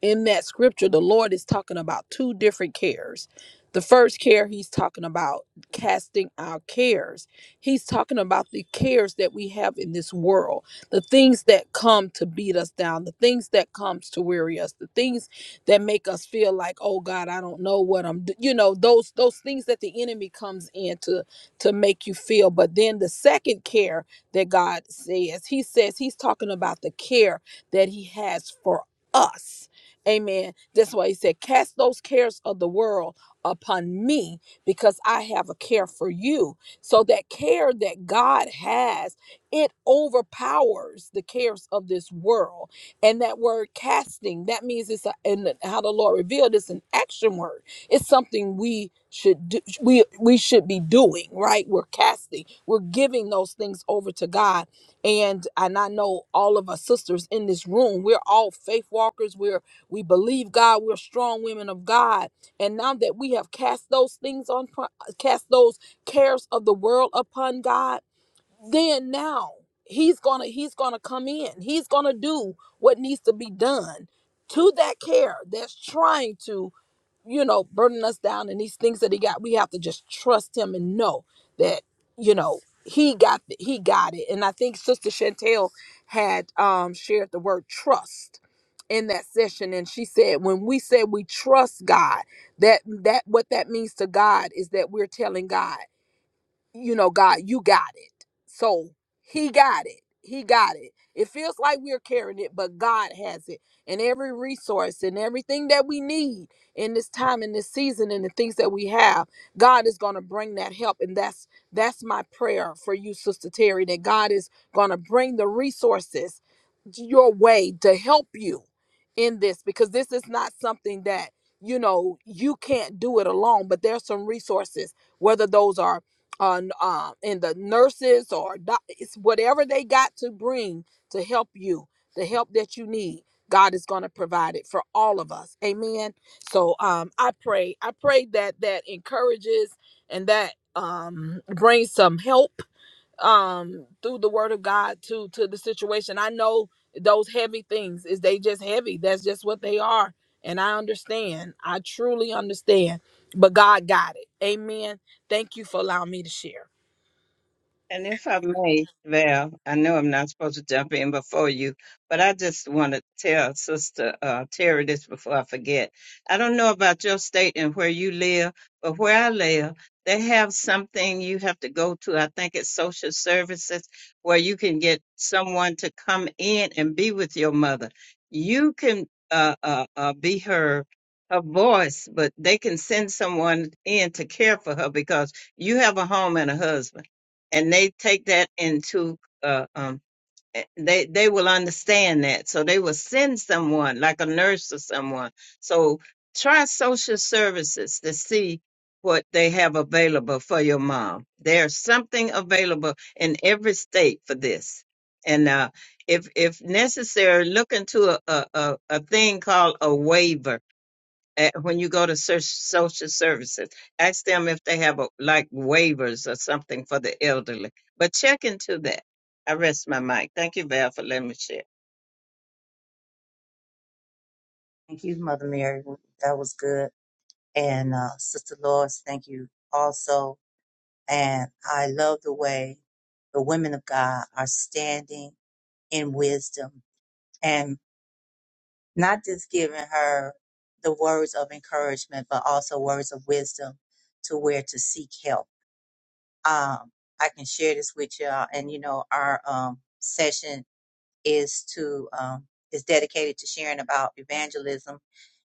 in that scripture, the Lord is talking about two different cares. The first care, he's talking about casting our cares. He's talking about the cares that we have in this world, the things that come to beat us down, the things that comes to weary us, the things that make us feel like, oh God, I don't know what I'm, do-" you know, those those things that the enemy comes in to to make you feel. But then the second care that God says, He says He's talking about the care that He has for us Amen. That's why he said, Cast those cares of the world upon me because I have a care for you. So that care that God has, it overpowers the cares of this world. And that word casting, that means it's a, and how the Lord revealed it's an action word. It's something we should do, we we should be doing, right? We're casting, we're giving those things over to God. And and I know all of our sisters in this room, we're all faith walkers. We're we believe God. We're strong women of God. And now that we have cast those things on, uh, cast those cares of the world upon God, then now He's gonna He's gonna come in. He's gonna do what needs to be done to that care that's trying to you know, burning us down and these things that he got, we have to just trust him and know that, you know, he got the, he got it. And I think Sister Chantel had um shared the word trust in that session and she said when we said we trust God, that that what that means to God is that we're telling God you know, God, you got it. So he got it. He got it. It feels like we're carrying it, but God has it. And every resource and everything that we need in this time, in this season, and the things that we have, God is gonna bring that help. And that's that's my prayer for you, Sister Terry, that God is gonna bring the resources your way to help you in this because this is not something that you know you can't do it alone but there's some resources whether those are on um and the nurses or doc- it's whatever they got to bring to help you the help that you need god is going to provide it for all of us amen so um i pray i pray that that encourages and that um brings some help um through the word of God to to the situation. I know those heavy things is they just heavy. That's just what they are. And I understand. I truly understand. But God got it. Amen. Thank you for allowing me to share.
And if I may, Val, I know I'm not supposed to jump in before you, but I just want to tell Sister uh, Terry this before I forget. I don't know about your state and where you live, but where I live, they have something you have to go to. I think it's social services where you can get someone to come in and be with your mother. You can uh, uh, uh, be her her voice, but they can send someone in to care for her because you have a home and a husband and they take that into uh, um, eh, they they will understand that so they will send someone like a nurse or someone so try social services to see what they have available for your mom there's something available in every state for this and uh, if if necessary look into a, a, a, a thing called a waiver at, when you go to search social services, ask them if they have a, like waivers or something for the elderly. But check into that. I rest my mic. Thank you, Val, for letting me share.
Thank you, Mother Mary. That was good. And uh, Sister Lois, thank you also. And I love the way the women of God are standing in wisdom and not just giving her the words of encouragement, but also words of wisdom to where to seek help. Um, I can share this with y'all. And, you know, our um, session is to um, is dedicated to sharing about evangelism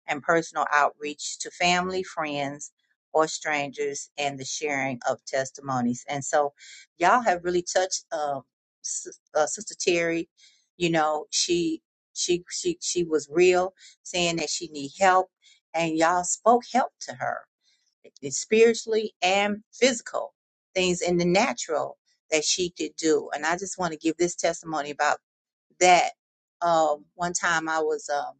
and personal outreach to family, friends, or strangers, and the sharing of testimonies. And so, y'all have really touched um, Sis- uh, Sister Terry. You know, she she she she was real, saying that she need help, and y'all spoke help to her it's spiritually and physical things in the natural that she could do. And I just want to give this testimony about that. Um, one time I was um,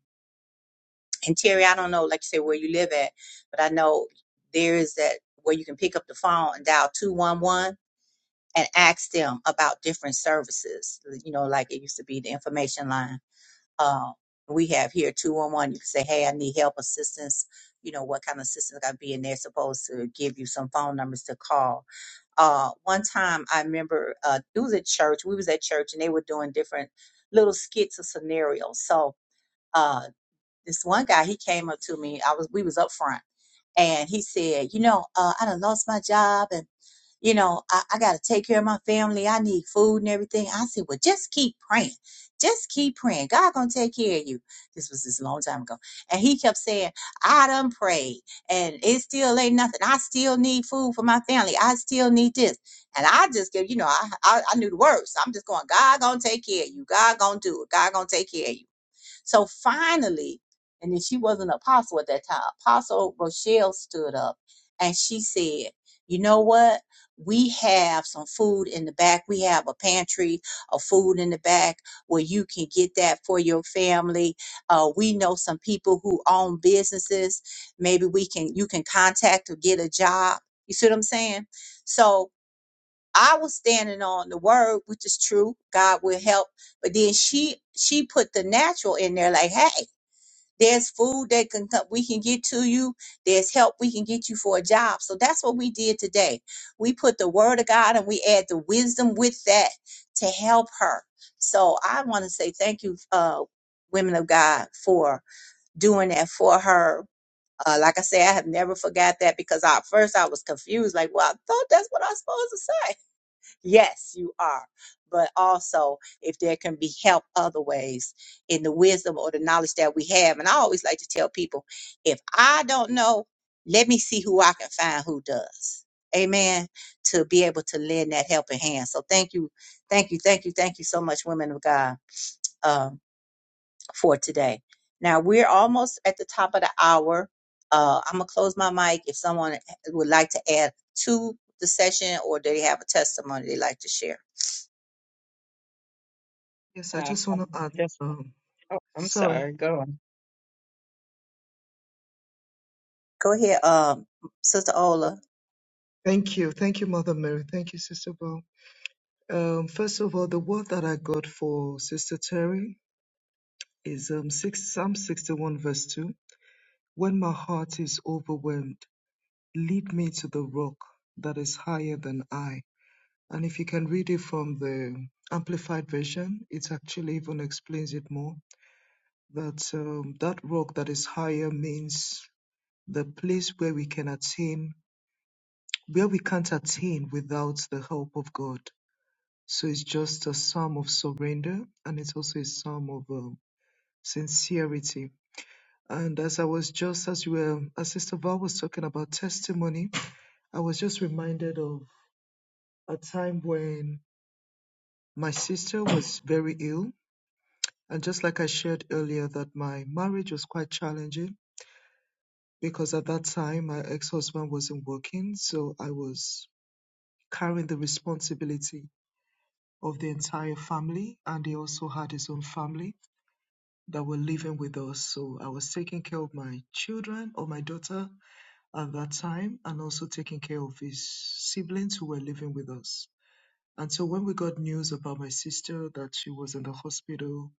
in Terry, I don't know, like you say, where you live at, but I know there is that where you can pick up the phone and dial 211 and ask them about different services. You know, like it used to be the information line um, we have here 211 you can say hey i need help assistance you know what kind of assistance i be and they're supposed to give you some phone numbers to call uh, one time i remember uh, it was at church we was at church and they were doing different little skits or scenarios so uh, this one guy he came up to me i was we was up front and he said you know uh, i done lost my job and." you know, I, I got to take care of my family. I need food and everything. I said, well, just keep praying. Just keep praying. God gonna take care of you. This was this long time ago. And he kept saying, I done prayed and it still ain't nothing. I still need food for my family. I still need this. And I just give, you know, I, I, I knew the words. So I'm just going, God gonna take care of you. God gonna do it. God gonna take care of you. So finally, and then she wasn't an apostle at that time, Apostle Rochelle stood up and she said, You know what? We have some food in the back. We have a pantry of food in the back where you can get that for your family. Uh, we know some people who own businesses. Maybe we can you can contact or get a job. You see what I'm saying? So I was standing on the word, which is true. God will help. But then she she put the natural in there, like, hey, there's food that can come, we can get to you. There's help we can get you for a job. So that's what we did today. We put the word of God and we add the wisdom with that to help her. So I want to say thank you, uh, women of God, for doing that for her. Uh, like I say, I have never forgot that because at first I was confused, like, well, I thought that's what I was supposed to say Yes, you are. But also, if there can be help other ways in the wisdom or the knowledge that we have. And I always like to tell people if I don't know, let me see who I can find who does. Amen. To be able to lend that helping hand. So thank you, thank you, thank you, thank you so much, women of God, um, for today. Now we're almost at the top of the hour. Uh, I'm gonna close my mic. If someone would like to add to the session or they have a testimony they like to share.
Yes, I
Uh,
just want
I'm
to add.
just,
Um,
oh, I'm
sorry.
sorry. Go on.
Go ahead, um, Sister Ola.
Thank you. Thank you, Mother Mary. Thank you, Sister Bell. Um, first of all, the word that I got for Sister Terry is um, six, Psalm 61, verse 2. When my heart is overwhelmed, lead me to the rock that is higher than I. And if you can read it from the Amplified Version, it actually even explains it more that um, that rock that is higher means the place where we can attain, where we can't attain without the help of God. So it's just a psalm of surrender and it's also a psalm of um, sincerity And as I was just as you were, as Sister Val was talking about testimony, I was just reminded of a time when my sister was very ill. And just like I shared earlier, that my marriage was quite challenging because at that time my ex-husband wasn't working, so I was carrying the responsibility of the entire family, and he also had his own family that were living with us. So I was taking care of my children or my daughter at that time and also taking care of his siblings who were living with us. And so when we got news about my sister that she was in the hospital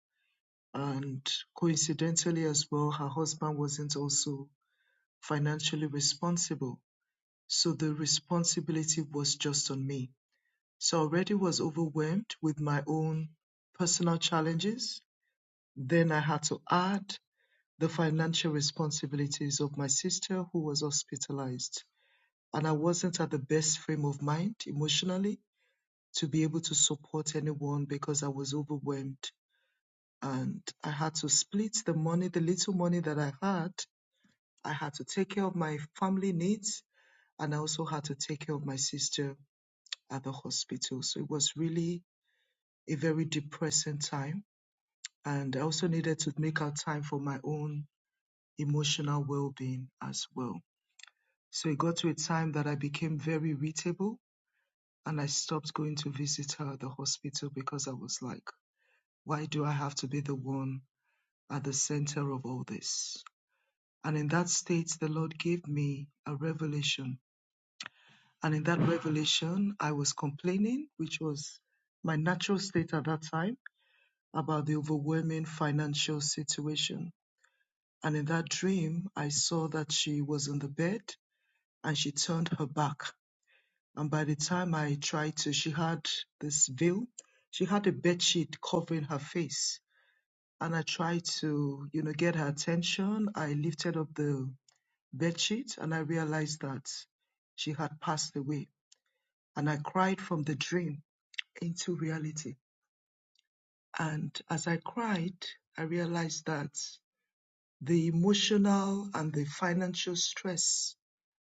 and coincidentally as well, her husband wasn't also financially responsible. So the responsibility was just on me. So I already was overwhelmed with my own personal challenges. Then I had to add the financial responsibilities of my sister who was hospitalized. and I wasn't at the best frame of mind emotionally to be able to support anyone because I was overwhelmed. And I had to split the money, the little money that I had. I had to take care of my family needs and I also had to take care of my sister at the hospital. So it was really a very depressing time. And I also needed to make out time for my own emotional well being as well. So it got to a time that I became very irritable and I stopped going to visit her at the hospital because I was like, why do I have to be the one at the center of all this? And in that state, the Lord gave me a revelation. And in that revelation, I was complaining, which was my natural state at that time, about the overwhelming financial situation. And in that dream, I saw that she was on the bed and she turned her back And by the time I tried to, she had this veil. She had a bed sheet covering her face. And I tried to, you know, get her attention. I lifted up the bed sheet and I realized that she had passed away. And I cried from the dream into reality. And as I cried, I realized that the emotional and the financial stress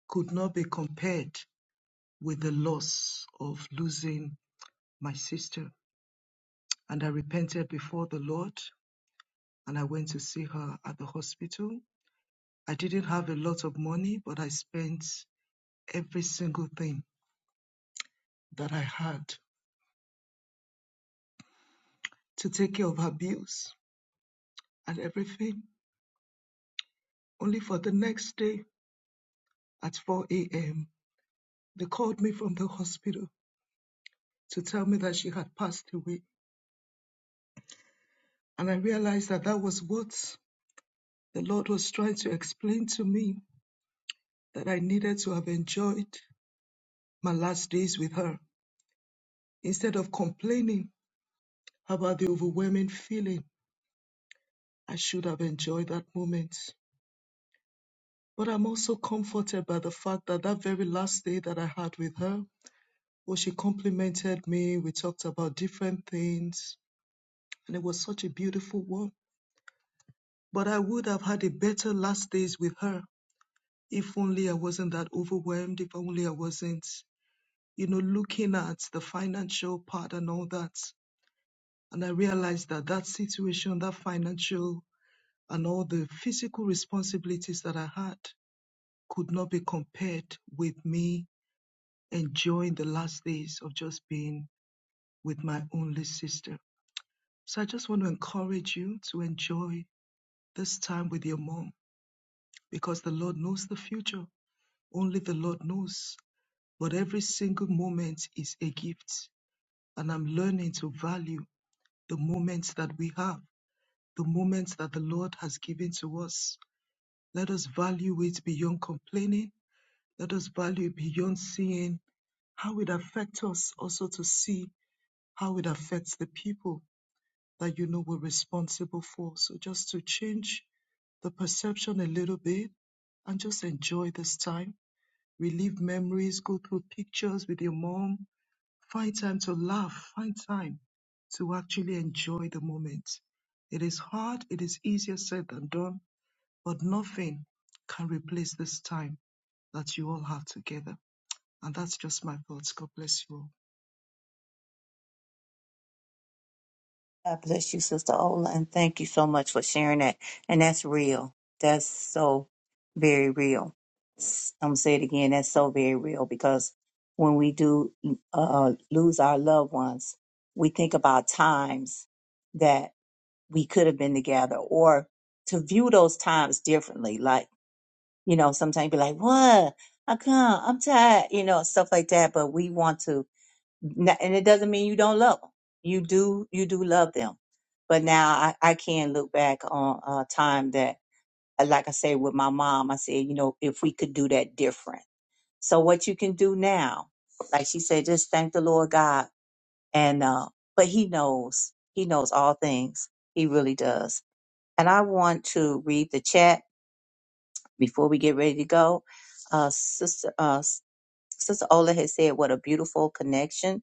could not be compared with the loss of losing my sister and I repented before the Lord and I went to see her at the hospital. I didn't have a lot of money, but I spent every single thing that I had to take care of her bills and everything. Only for the next day at 4 a.m., they called me from the hospital to tell me that she had passed away. And I realized that that was what the Lord was trying to explain to me that I needed to have enjoyed my last days with her instead of complaining How about the overwhelming feeling? I should have enjoyed that moment. But I'm also comforted by the fact that that very last day that I had with her, well, she complimented me. We talked about different things, and it was such a beautiful one. But I would have had a better last days with her if only I wasn't that overwhelmed, if only I wasn't, you know, looking at the financial part and all that. And I realized that that situation, that financial and all the physical responsibilities that I had could not be compared with me enjoying the last days of just being with my only sister. So I just want to encourage you to enjoy this time with your mom because the Lord knows the future. Only the Lord knows. But every single moment is a gift. And I'm learning to value the moments that we have, the moments that the Lord has given to us. Let us value it beyond complaining Let us value beyond seeing how it affects us, also to see how it affects the people that you know we're responsible for. So just to change the perception a little bit and just enjoy this time. Relive memories, go through pictures with your mom. Find time to laugh, find time to actually enjoy the moment. It is hard, it is easier said than done, but nothing can replace this time that you all have together. And that's just my thoughts. God bless you all.
God bless you, Sister Ola, and thank you so much for sharing that. And that's real. That's so very real. S- I'm gonna say it again. That's so very real because when we do mm, uh, lose our loved ones, we think about times that we could have been together, or to view those times differently. Like you know, sometimes be like, "What? I come. I'm tired," you know, stuff like that. But we want to N- and it doesn't mean you don't love them. You do, you do love them. But now I, I can look back on a time that, uh, like I said, with my mom, I said, you know, if we could do that different. So what you can do now, like she said, just thank the Lord God. And, uh, but he knows, he knows all things. He really does. And I want to read the chat before we get ready to go. Uh, sister, uh, sister Ola has said, what a beautiful connection.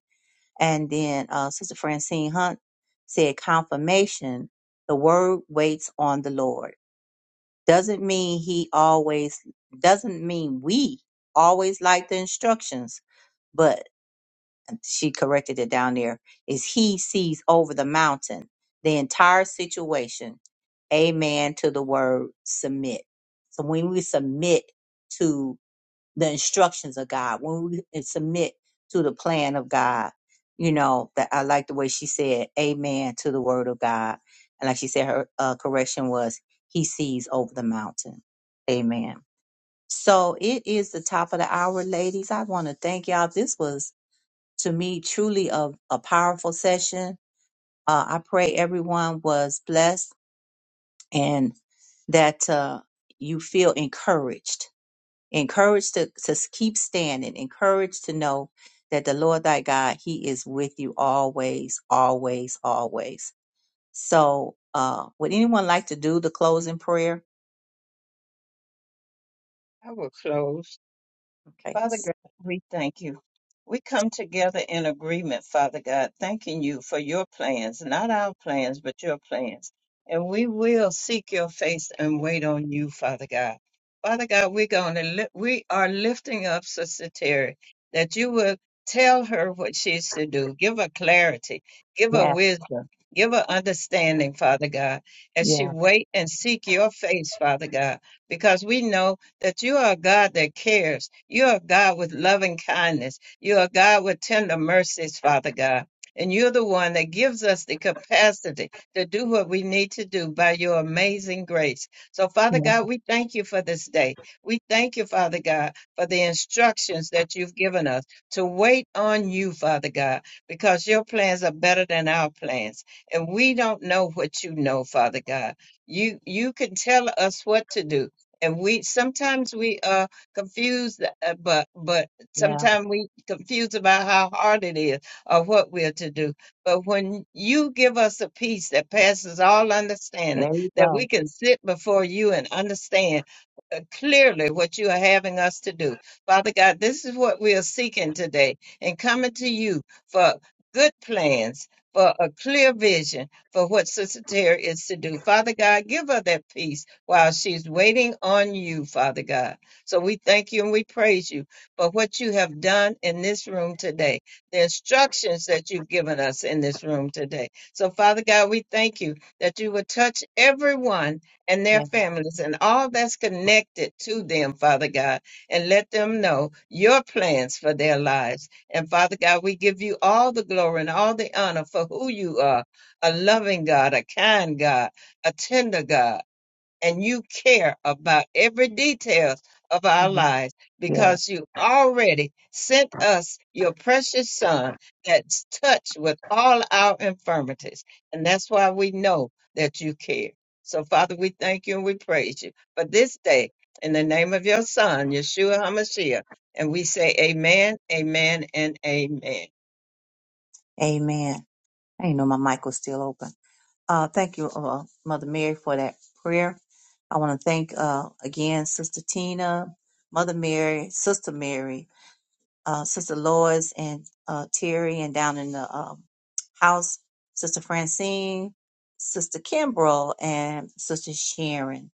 And then uh, Sister Francine Hunt said, confirmation, the word waits on the Lord. Doesn't mean he always, doesn't mean we always like the instructions, but she corrected it down there, is he sees over the mountain, the entire situation. Amen to the word submit. So when we submit to the instructions of God, when we submit to the plan of God, you know, that I like the way she said, Amen to the word of God. And like she said, her uh, correction was, He sees over the mountain. Amen. So it is the top of the hour, ladies. I want to thank y'all. This was, to me, truly a, a powerful session. Uh, I pray everyone was blessed and that uh, you feel encouraged encouraged to, to keep standing, encouraged to know that the Lord thy God, he is with you always, always, always. So, uh, would anyone like to do the closing prayer?
I will close.
Okay.
Father God, we thank you. We come together in agreement, Father God, thanking you for your plans, not our plans, but your plans. And we will seek your face and wait on you, Father God. Father God, we're going to li- we are lifting up Sister Terry that you will tell her what she's to do. Give her clarity, give her
Yeah,
wisdom, give her understanding, Father God, as she
yeah,
wait and seek your face, Father God, because we know that you are a God that cares. You are a God with loving kindness. You are a God with tender mercies, Father God. And you're the one that gives us the capacity to do what we need to do by your amazing grace. So, Father
yeah,
God, we thank you for this day. We thank you, Father God, for the instructions that you've given us to wait on you, Father God, because your plans are better than our plans. And we don't know what you know, Father God. You you can tell us what to do, and we sometimes we uh confuse uh, but but
yeah.
sometimes we confuse about how hard it is or what we're to do but when you give us a peace that passes all understanding
There you
that we
go.
can sit before you and understand uh, clearly what you are having us to do father god this is what we are seeking today and coming to you for good plans for a clear vision for what Sister Terry is to do. Father God, give her that peace while she's waiting on you, Father God. So we thank you and we praise you for what you have done in this room today, the instructions that you've given us in this room today. So, Father God, we thank you that you will touch everyone and their families and all that's
Yeah.
connected to them, Father God, and let them know your plans for their lives. And Father God, we give you all the glory and all the honor for who you are a loving God, a kind God, a tender God and you care about every detail of our lives
yeah.
because you already sent us your precious son that's touched with all our infirmities. And that's why we know that you care. So, Father, we thank you and we praise you for this day in the name of your son, Yeshua HaMashiach. And we say, Amen, Amen, and Amen.
Amen. I didn't know my mic was still open. Uh, thank you, uh, Mother Mary, for that prayer. I want to thank uh, again Sister Tina, Mother Mary, Sister Mary, uh, Sister Lois and uh, Terry, and down in the um, house, Sister Francine, Sister Kimbrell, and Sister Sharon.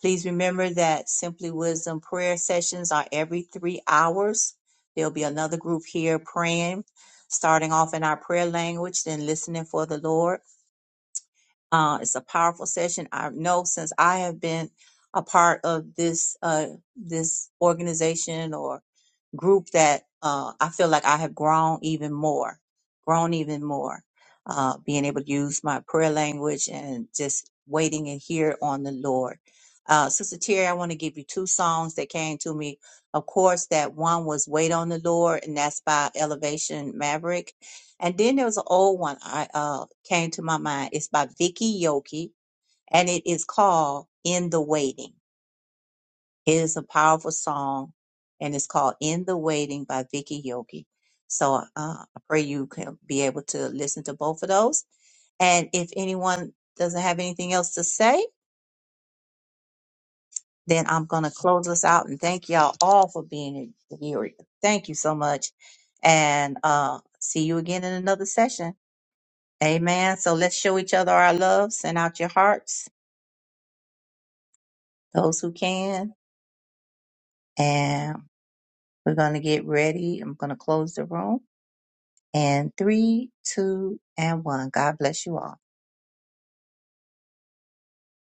Please remember that Simply Wisdom prayer sessions are every three hours. There'll be another group here praying, starting off in our prayer language, then listening for the Lord. Uh, it's a powerful session. I know since I have been a part of this uh, this organization or group that uh, I feel like I have grown even more, grown even more, uh, being able to use my prayer language and just waiting and hear on the Lord. Uh, Sister Terry, I want to give you two songs that came to me. Of course, that one was "Wait on the Lord," and that's by Elevation Maverick. And then there was an old one I uh, came to my mind. It's by Vicky Yoki, and it is called "In the Waiting." It is a powerful song and it's called In the Waiting by Vicky Yogi. So uh, I pray you can be able to listen to both of those. And if anyone doesn't have anything else to say, then I'm going to close us out and thank y'all all for being here. Thank you so much. And uh, see you again in another session. Amen. So let's show each other our love, send out your hearts, those who can. And we're going to get ready. I'm going to close the room. And three, two, and one. God bless you all.